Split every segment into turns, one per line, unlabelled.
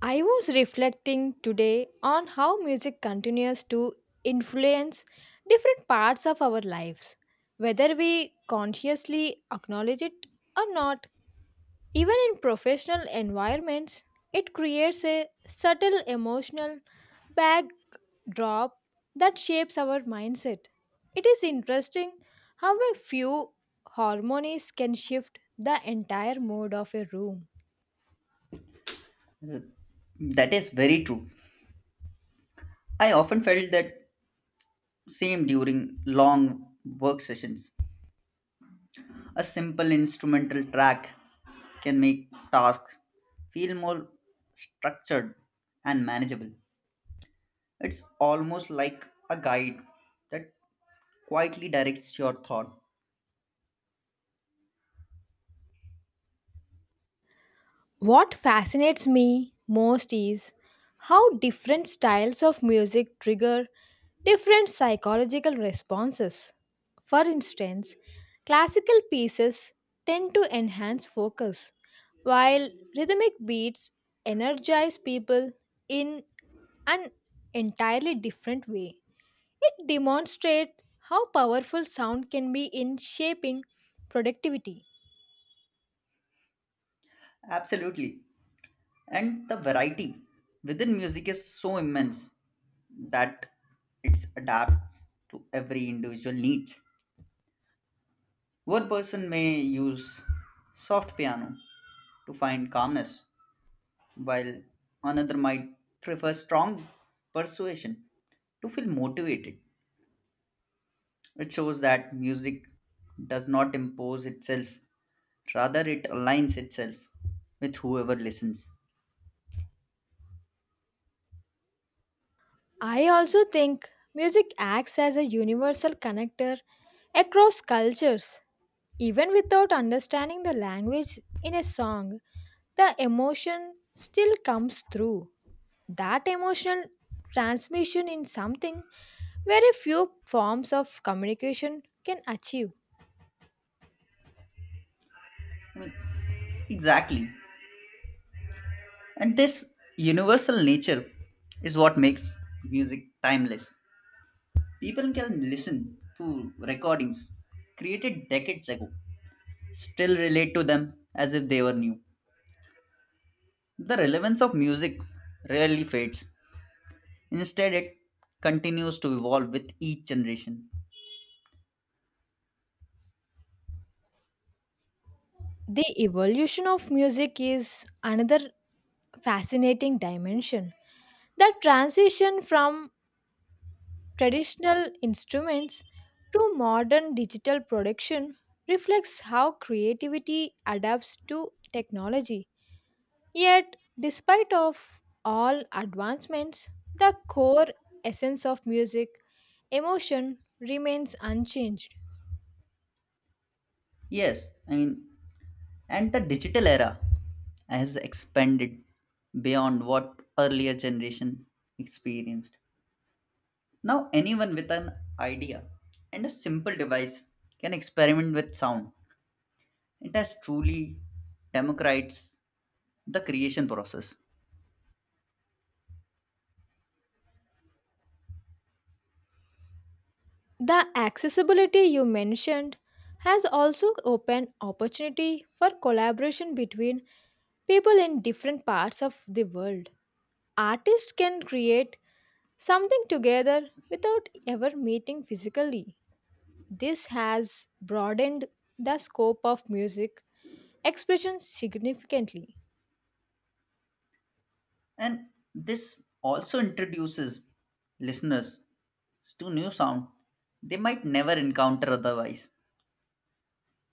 I was reflecting today on how music continues to influence different parts of our lives, whether we consciously acknowledge it or not. Even in professional environments, it creates a subtle emotional backdrop that shapes our mindset. It is interesting how a few harmonies can shift the entire mood of a room.
That is very true. I often felt that same during long work sessions. A simple instrumental track can make tasks feel more structured and manageable. It's almost like a guide that quietly directs your thought.
What fascinates me most is how different styles of music trigger different psychological responses. For instance, classical pieces tend to enhance focus, while rhythmic beats energize people in an entirely different way. It demonstrates how powerful sound can be in shaping productivity.
Absolutely. And the variety within music is so immense that it adapts to every individual need. One person may use soft piano to find calmness, while another might prefer strong persuasion to feel motivated. It shows that music does not impose itself, rather, it aligns itself with whoever listens.
I also think music acts as a universal connector across cultures. Even without understanding the language in a song, the emotion still comes through. That emotional transmission in something very few forms of communication can achieve.
I mean, exactly. And this universal nature is what makes music timeless. People can listen to recordings created decades ago, still relate to them as if they were new. The relevance of music rarely fades. Instead, it continues to evolve with each generation.
The evolution of music is another fascinating dimension. The transition from traditional instruments to modern digital production reflects how creativity adapts to technology, yet despite of all advancements, the core essence of music, emotion, remains unchanged.
Yes, and the digital era has expanded beyond what earlier generation experienced. Now, anyone with an idea and a simple device can experiment with sound. It has truly democratized the creation process.
The accessibility you mentioned has also opened opportunity for collaboration between people in different parts of the world. Artists can create something together without ever meeting physically. This has broadened the scope of music expression significantly.
And this also introduces listeners to new sound they might never encounter otherwise.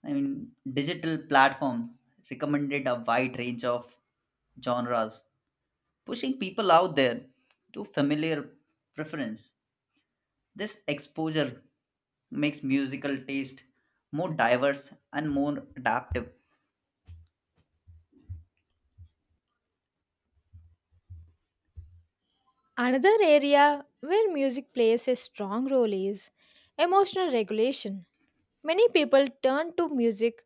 Digital platforms recommended a wide range of genres, pushing people out there to familiar preference. This exposure makes musical taste more diverse and more adaptive.
Another area where music plays a strong role is emotional regulation. Many people turn to music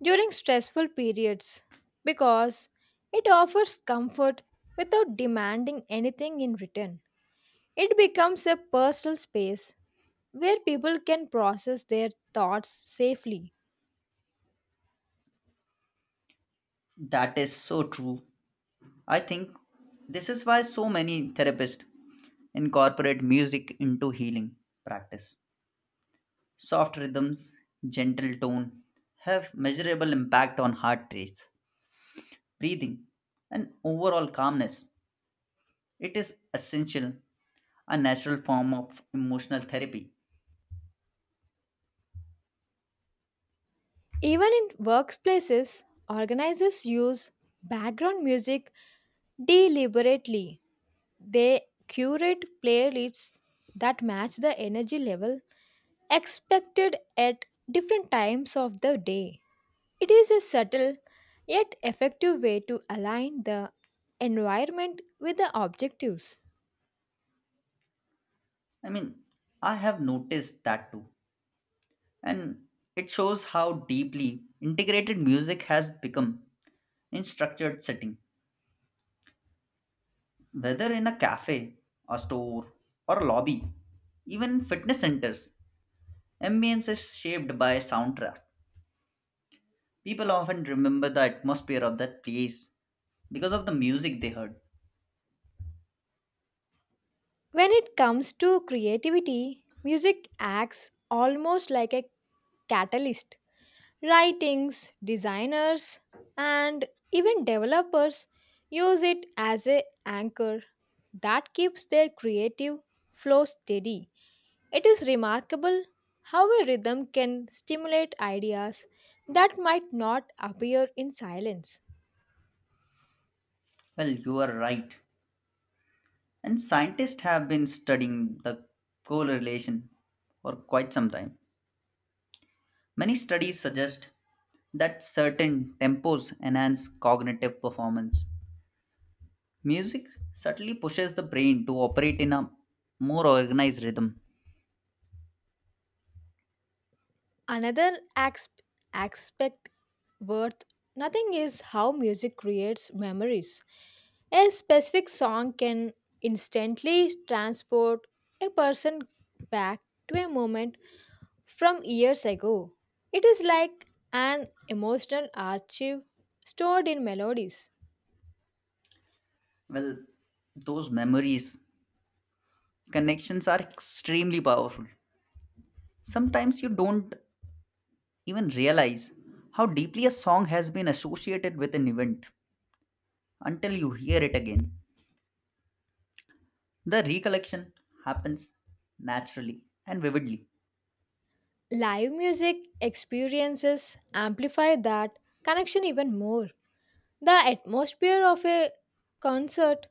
during stressful periods because it offers comfort without demanding anything in return. It becomes a personal space where people can process their thoughts safely.
That is so true. I think this is why so many therapists incorporate music into healing practice. Soft rhythms, gentle tone have measurable impact on heart rates, breathing, and overall calmness. It is essential, a natural form of emotional therapy.
Even in workplaces, organizers use background music deliberately. They curate playlists that match the energy level expected at different times of the day. It is a subtle yet effective way to align the environment with the objectives.
I mean, I have noticed that too. And it shows how deeply integrated music has become in structured setting, whether in a cafe, a store, or a lobby. Even fitness centers, ambience is shaped by soundtrack. People often remember the atmosphere of that place because of the music they heard.
When it comes to creativity, music acts almost like a catalyst. Writings, designers, and even developers use it as a anchor that keeps their creative flow steady. It is remarkable how a rhythm can stimulate ideas that might not appear in silence.
Well, you are right. And scientists have been studying the correlation for quite some time. Many studies suggest that certain tempos enhance cognitive performance. Music subtly pushes the brain to operate in a more organized rhythm.
Another aspect worth nothing is how music creates memories. A specific song can instantly transport a person back to a moment from years ago. It is like an emotional archive stored in melodies.
Well, those memories, connections are extremely powerful. Sometimes you don't even realize how deeply a song has been associated with an event until you hear it again. The recollection happens naturally and vividly.
Live music experiences amplify that connection even more. The atmosphere of a concert,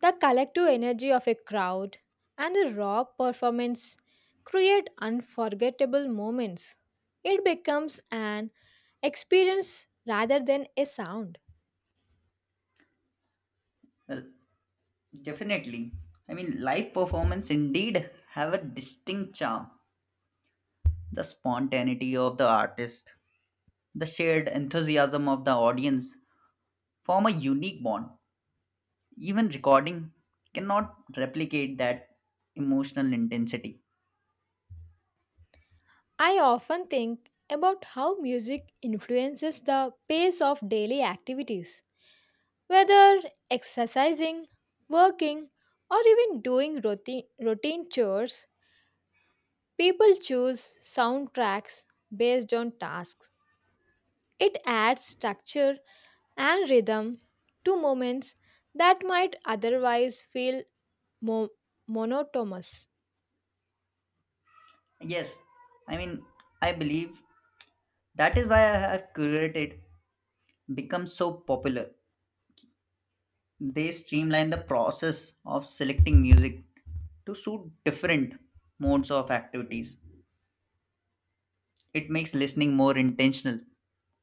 the collective energy of a crowd, and the raw performance create unforgettable moments. It becomes an experience rather than a sound.
Well, definitely. Live performance indeed have a distinct charm. The spontaneity of the artist, the shared enthusiasm of the audience form a unique bond. Even recording cannot replicate that emotional intensity.
I often think about how music influences the pace of daily activities, whether exercising, working, or even doing routine chores. People choose soundtracks based on tasks. It adds structure and rhythm to moments that might otherwise feel mo- monotonous.
Yes, I mean, I believe that is why I have curated becomes so popular. They streamline the process of selecting music to suit different modes of activities. It makes listening more intentional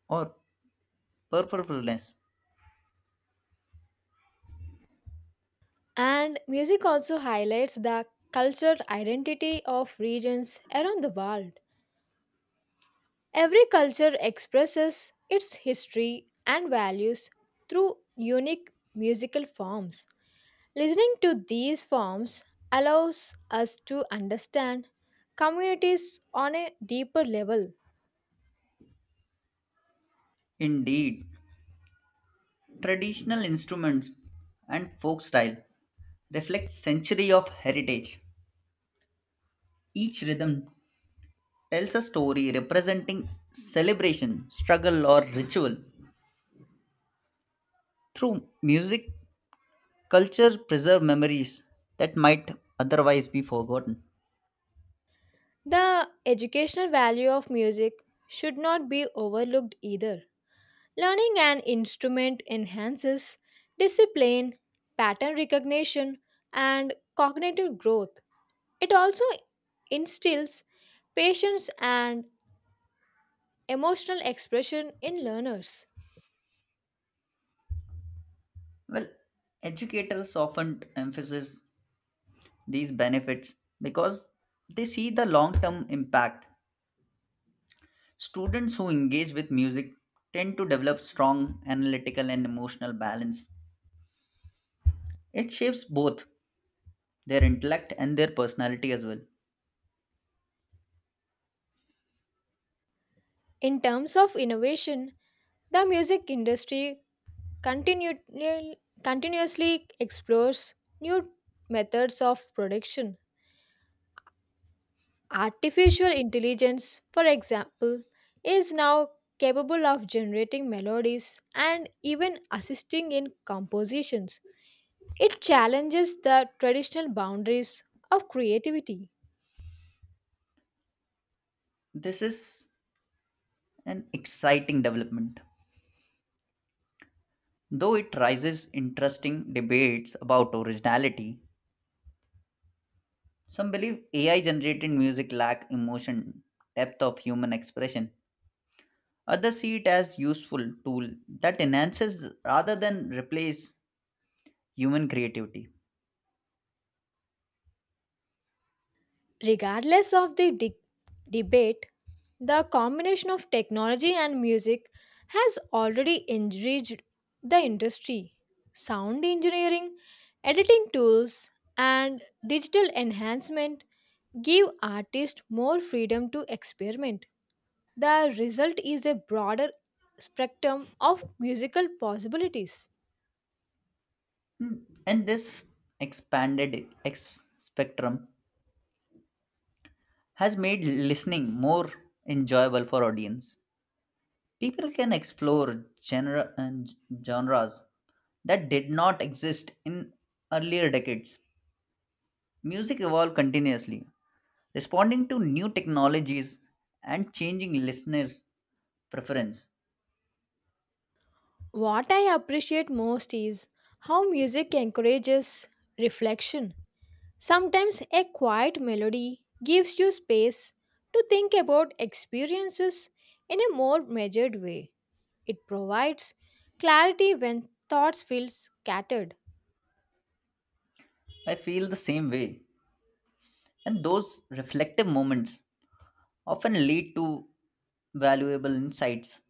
or purposefulness.
And music also highlights the cultural identity of regions around the world. Every culture expresses its history and values through unique musical forms. Listening to these forms allows us to understand communities on a deeper level.
Indeed, traditional instruments and folk style reflect century of heritage. Each rhythm tells a story representing celebration, struggle or ritual. Through music culture preserve memories that might otherwise be forgotten.
The educational value of music should not be overlooked either. Learning an instrument enhances discipline, pattern recognition, and cognitive growth. It also instills patience and emotional expression in learners.
Well, educators often emphasize these benefits because they see the long-term impact. Students who engage with music tend to develop strong analytical and emotional balance. It shapes both their intellect and their personality as well.
In terms of innovation, the music industry continu- continuously explores new methods of production. Artificial intelligence, for example, is now capable of generating melodies and even assisting in compositions. It challenges the traditional boundaries of creativity.
This is an exciting development. Though it raises interesting debates about originality. Some believe AI generated music lack emotion, depth of human expression. Others see it as useful tool that enhances rather than replace human creativity.
Regardless of the debate, the combination of technology and music has already enriched the industry. Sound engineering, editing tools, and digital enhancement give artists more freedom to experiment. The result is a broader spectrum of musical possibilities.
And this expanded spectrum has made listening more enjoyable for audience. People can explore genre and genres that did not exist in earlier decades. Music evolved continuously, responding to new technologies and changing listeners' preference.
What I appreciate most is how music encourages reflection. Sometimes a quiet melody gives you space to think about experiences in a more measured way. It provides clarity when thoughts feel scattered.
I feel the same way. And those reflective moments often lead to valuable insights.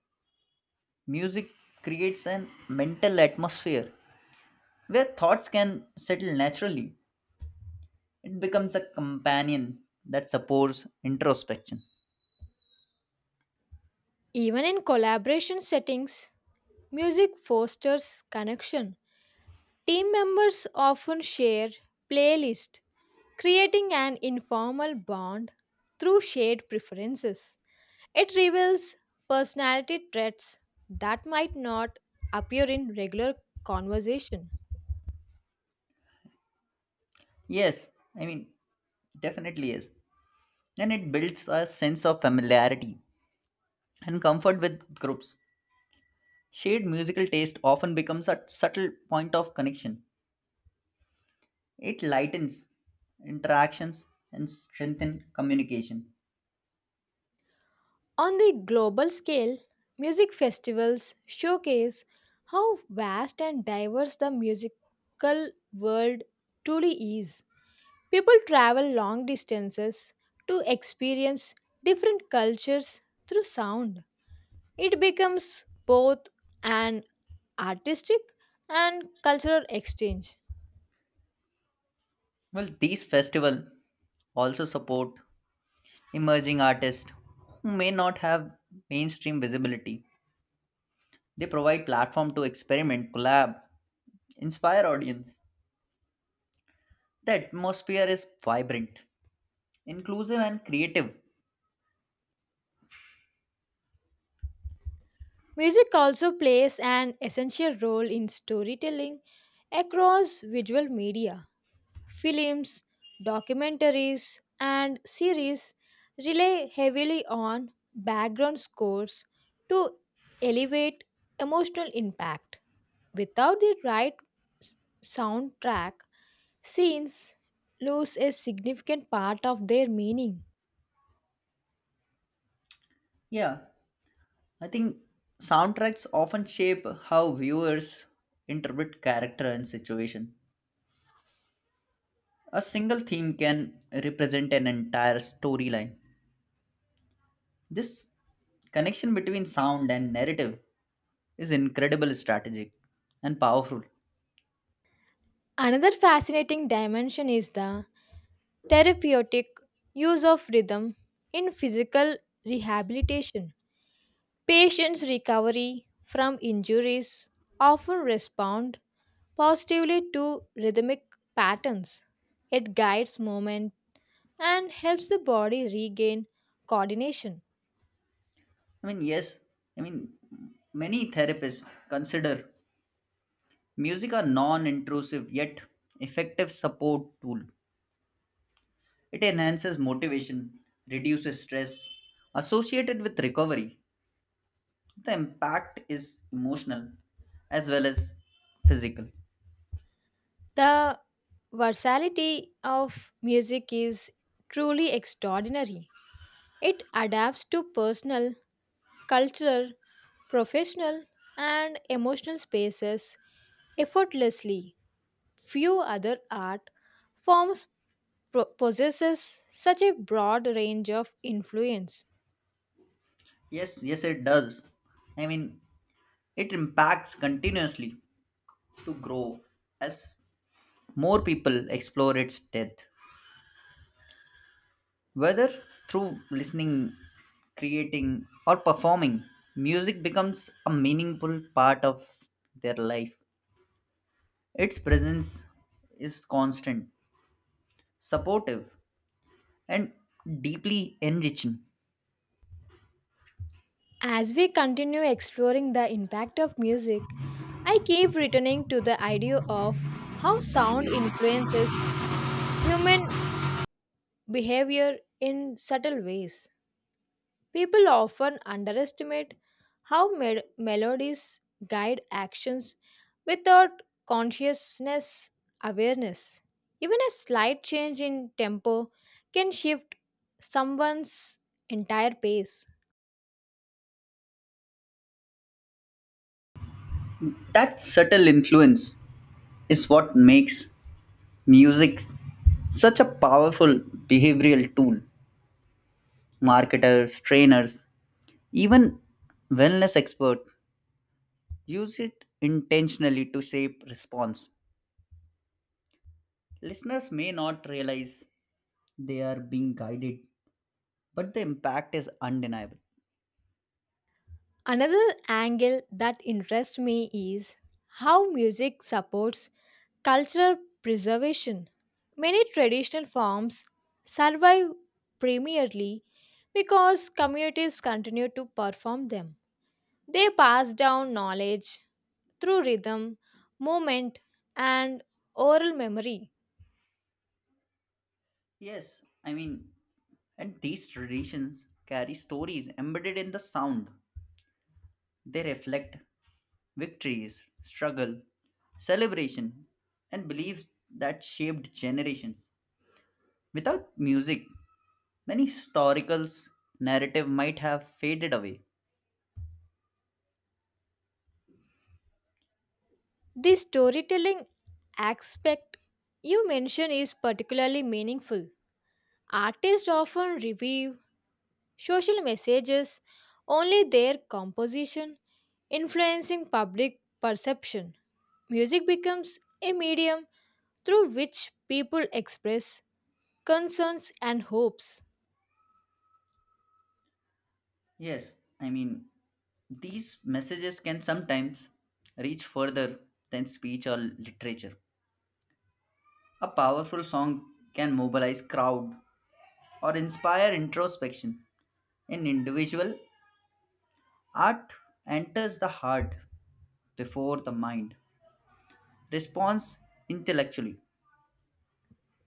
Music creates an mental atmosphere where thoughts can settle naturally. It becomes a companion that supports introspection.
Even in collaboration settings, music fosters connection. Team members often share playlists, creating an informal bond through shared preferences. It reveals personality traits that might not appear in regular conversation.
Yes, I mean, definitely yes. And it builds a sense of familiarity and comfort with groups. Shared musical taste often becomes a subtle point of connection. It lightens interactions and strengthens communication.
On the global scale, music festivals showcase how vast and diverse the musical world truly is. People travel long distances to experience different cultures through sound. It becomes both an artistic and cultural exchange.
Well, these festivals also support emerging artists who may not have mainstream visibility. They provide platform to experiment, collab, inspire audience. The atmosphere is vibrant, inclusive and creative.
Music also plays an essential role in storytelling across visual media. Films, documentaries, and series rely heavily on background scores to elevate emotional impact. Without the right s- soundtrack, scenes lose a significant part of their meaning.
Yeah, I think soundtracks often shape how viewers interpret character and situation. A single theme can represent an entire storyline. This connection between sound and narrative is incredible strategic and powerful.
Another fascinating dimension is the therapeutic use of rhythm in physical rehabilitation. Patients' recovery from injuries often respond positively to rhythmic patterns. It guides movement and helps the body regain coordination.
Yes, I mean, many therapists consider music a non intrusive yet effective support tool. It enhances motivation, reduces stress associated with recovery. The impact is emotional as well as physical.
The versatility of music is truly extraordinary. It adapts to personal, cultural, professional, and emotional spaces effortlessly. Few other art forms possesses such a broad range of influence.
Yes, yes, it does. I mean, It impacts continuously to grow as more people explore its depth, whether through listening, creating, or performing. Music becomes a meaningful part of their life. Its presence is constant, supportive, and deeply enriching.
As we continue exploring the impact of music, I keep returning to the idea of how sound influences human behavior in subtle ways. People often underestimate how melodies guide actions without consciousness awareness. Even a slight change in tempo can shift someone's entire pace.
That subtle influence is what makes music such a powerful behavioral tool. Marketers, trainers, even wellness experts use it intentionally to shape response. Listeners may not realize they are being guided, but the impact is undeniable.
Another angle that interests me is how music supports cultural preservation. Many traditional forms survive primarily because communities continue to perform them. They pass down knowledge through rhythm, movement, and oral memory.
Yes, and these traditions carry stories embedded in the sound. They reflect victories, struggle, celebration, and beliefs that shaped generations. Without music, many historicals narrative might have faded away.
The storytelling aspect you mention is particularly meaningful. Artists often revive social messages only their composition, influencing public perception. Music becomes a medium through which people express concerns and hopes.
Yes, these messages can sometimes reach further than speech or literature. A powerful song can mobilize crowd or inspire introspection. In individual, art enters the heart before the mind. Response intellectually.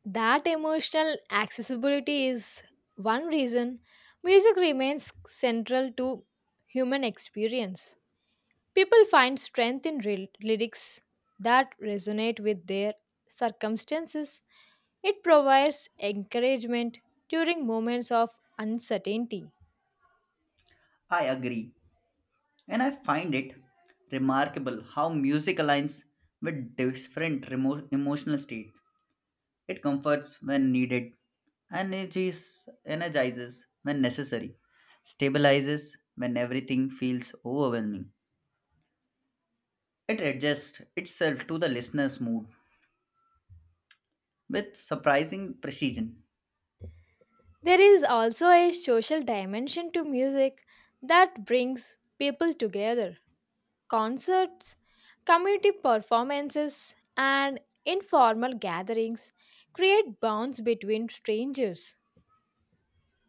That emotional accessibility is one reason music remains central to human experience. People find strength in lyrics that resonate with their circumstances. It provides encouragement during moments of uncertainty.
I agree. And I find it remarkable how music aligns with different emotional states. It comforts when needed, energies, energizes when necessary, stabilizes when everything feels overwhelming. It adjusts itself to the listener's mood with surprising precision.
There is also a social dimension to music that brings people together. Concerts, community performances, and informal gatherings create bonds between strangers.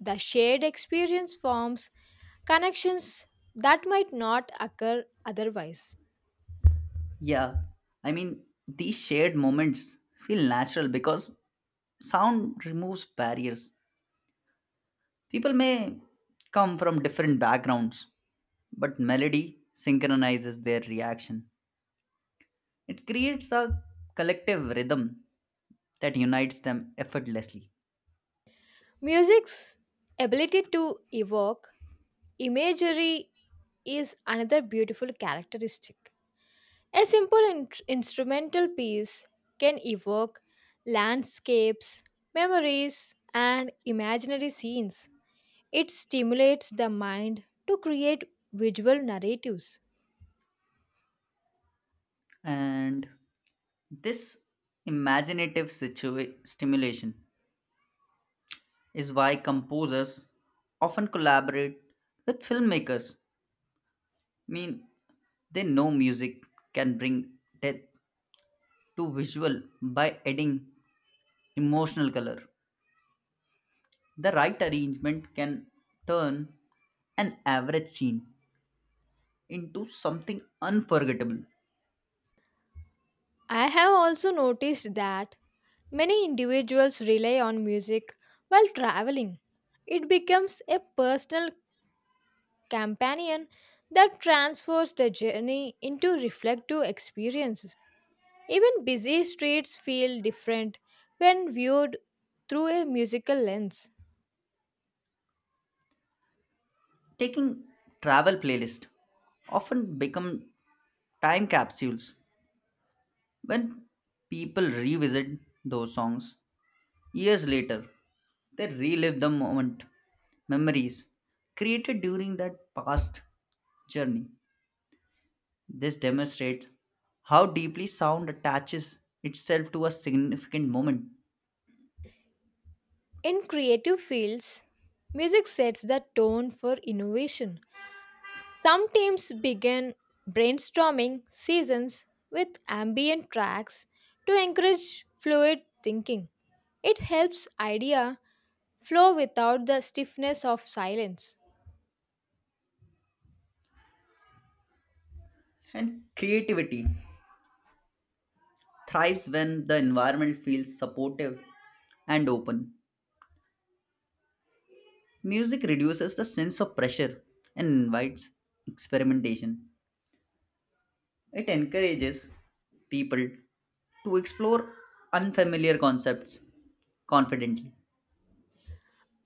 The shared experience forms connections that might not occur otherwise.
Yeah, these shared moments feel natural because sound removes barriers. People may come from different backgrounds, but melody synchronizes their reaction. It creates a collective rhythm that unites them effortlessly.
Music's ability to evoke imagery is another beautiful characteristic. A simple instrumental piece can evoke landscapes, memories, and imaginary scenes. It stimulates the mind to create visual narratives.
And this imaginative stimulation is why composers often collaborate with filmmakers. I mean, they know music can bring depth to visual by adding emotional color. The right arrangement can turn an average scene into something unforgettable.
I have also noticed that many individuals rely on music while traveling. It becomes a personal companion that transfers the journey into reflective experiences. Even busy streets feel different when viewed through a musical lens.
Taking travel playlist often become time capsules. When people revisit those songs years later, they relive the moment, memories created during that past journey. This demonstrates how deeply sound attaches itself to a significant moment.
In creative fields, music sets the tone for innovation. Some teams begin brainstorming seasons with ambient tracks to encourage fluid thinking. It helps idea flow without the stiffness of silence.
And creativity thrives when the environment feels supportive and open. Music reduces the sense of pressure and invites experimentation. It encourages people to explore unfamiliar concepts confidently.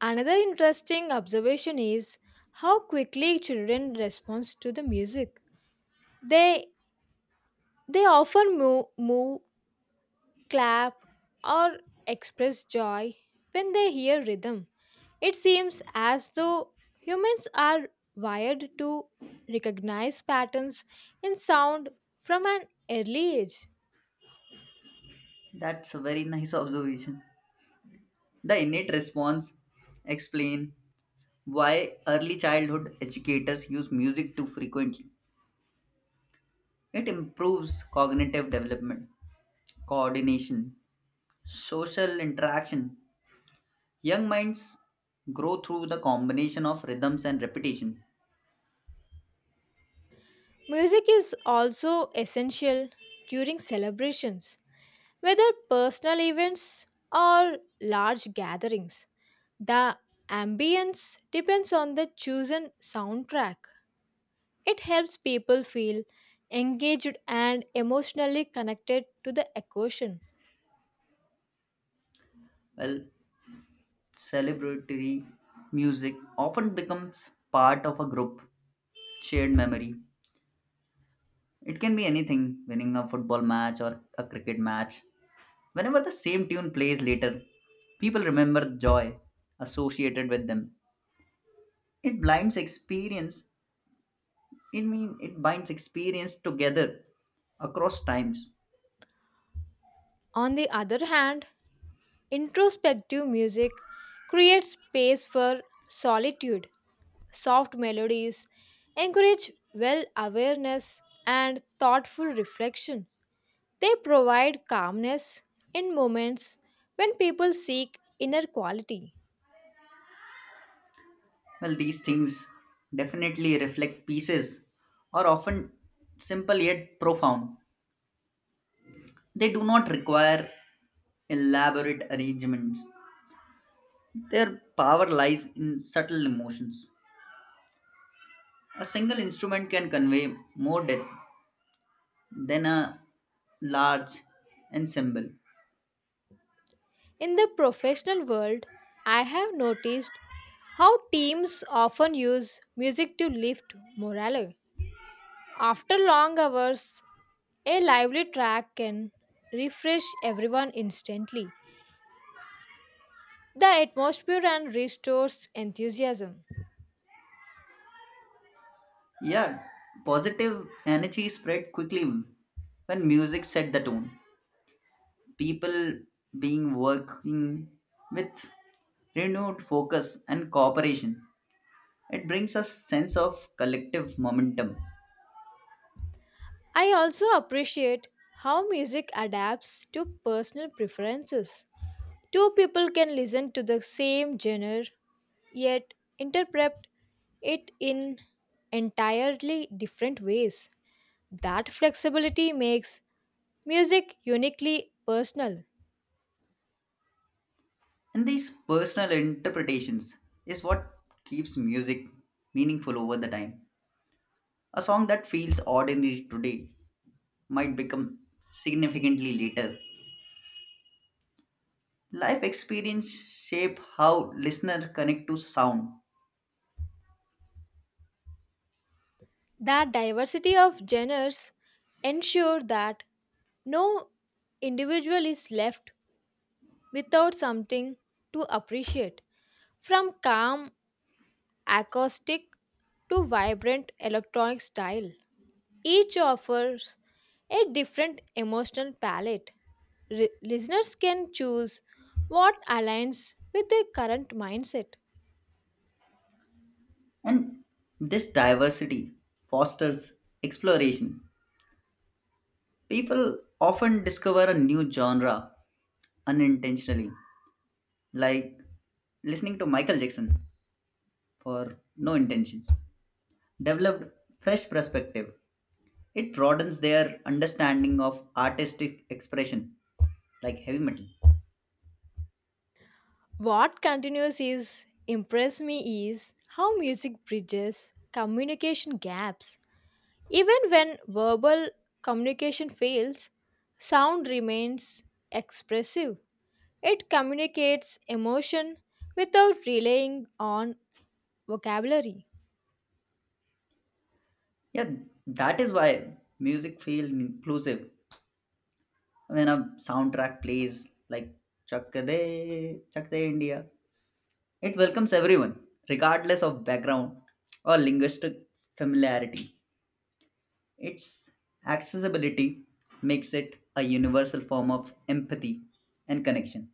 Another interesting observation is how quickly children respond to the music. They they often move, clap, or express joy when they hear rhythm. It seems as though humans are wired to recognize patterns in sound from an early age.
That's a very nice observation. The innate response explain why early childhood educators use music too frequently. It improves cognitive development, coordination, social interaction. Young minds grow through the combination of rhythms and repetition.
Music is also essential during celebrations, whether personal events or large gatherings. The ambience depends on the chosen soundtrack. It helps people feel engaged and emotionally connected to the occasion.
Well, celebratory music often becomes part of a group shared memory. It can be anything, winning a football match or a cricket match. Whenever the same tune plays later, people remember the joy associated with them. It blinds experience. It mean it binds experience together across times.
On the other hand, introspective music creates space for solitude, soft melodies, encourage well awareness, and thoughtful reflection. They provide calmness in moments when people seek inner quality.
Well, these things definitely reflect pieces are often simple yet profound. They do not require elaborate arrangements. Their power lies in subtle emotions. A single instrument can convey more depth than a large ensemble.
In the professional world, I have noticed how teams often use music to lift morale. After long hours, a lively track can refresh everyone instantly. The atmosphere and restores enthusiasm.
Yeah, positive energy spread quickly when music set the tone. People being working with renewed focus and cooperation. It brings a sense of collective momentum.
I also appreciate how music adapts to personal preferences. Two people can listen to the same genre yet interpret it in entirely different ways. That flexibility makes music uniquely personal.
And these personal interpretations is what keeps music meaningful over the time. A song that feels ordinary today might become significantly later. Life experience shape how listeners connect to sound,
That diversity of genres ensure that no individual is left without something to appreciate. From calm acoustic to vibrant electronic style, each offers a different emotional palette. Listeners can choose what aligns with their current mindset.
and this diversity fosters exploration. People often discover a new genre unintentionally, like listening to Michael Jackson for no intentions, developed fresh perspective. It broadens their understanding of artistic expression, like heavy metal.
What continues is impress me is how music bridges communication gaps. Even when verbal communication fails, sound remains expressive. It communicates emotion without relying on vocabulary.
Yeah, that is why music feels inclusive. When a soundtrack plays like Chak De, Chak De India, it welcomes everyone, regardless of background or linguistic familiarity. Its accessibility makes it a universal form of empathy and connection.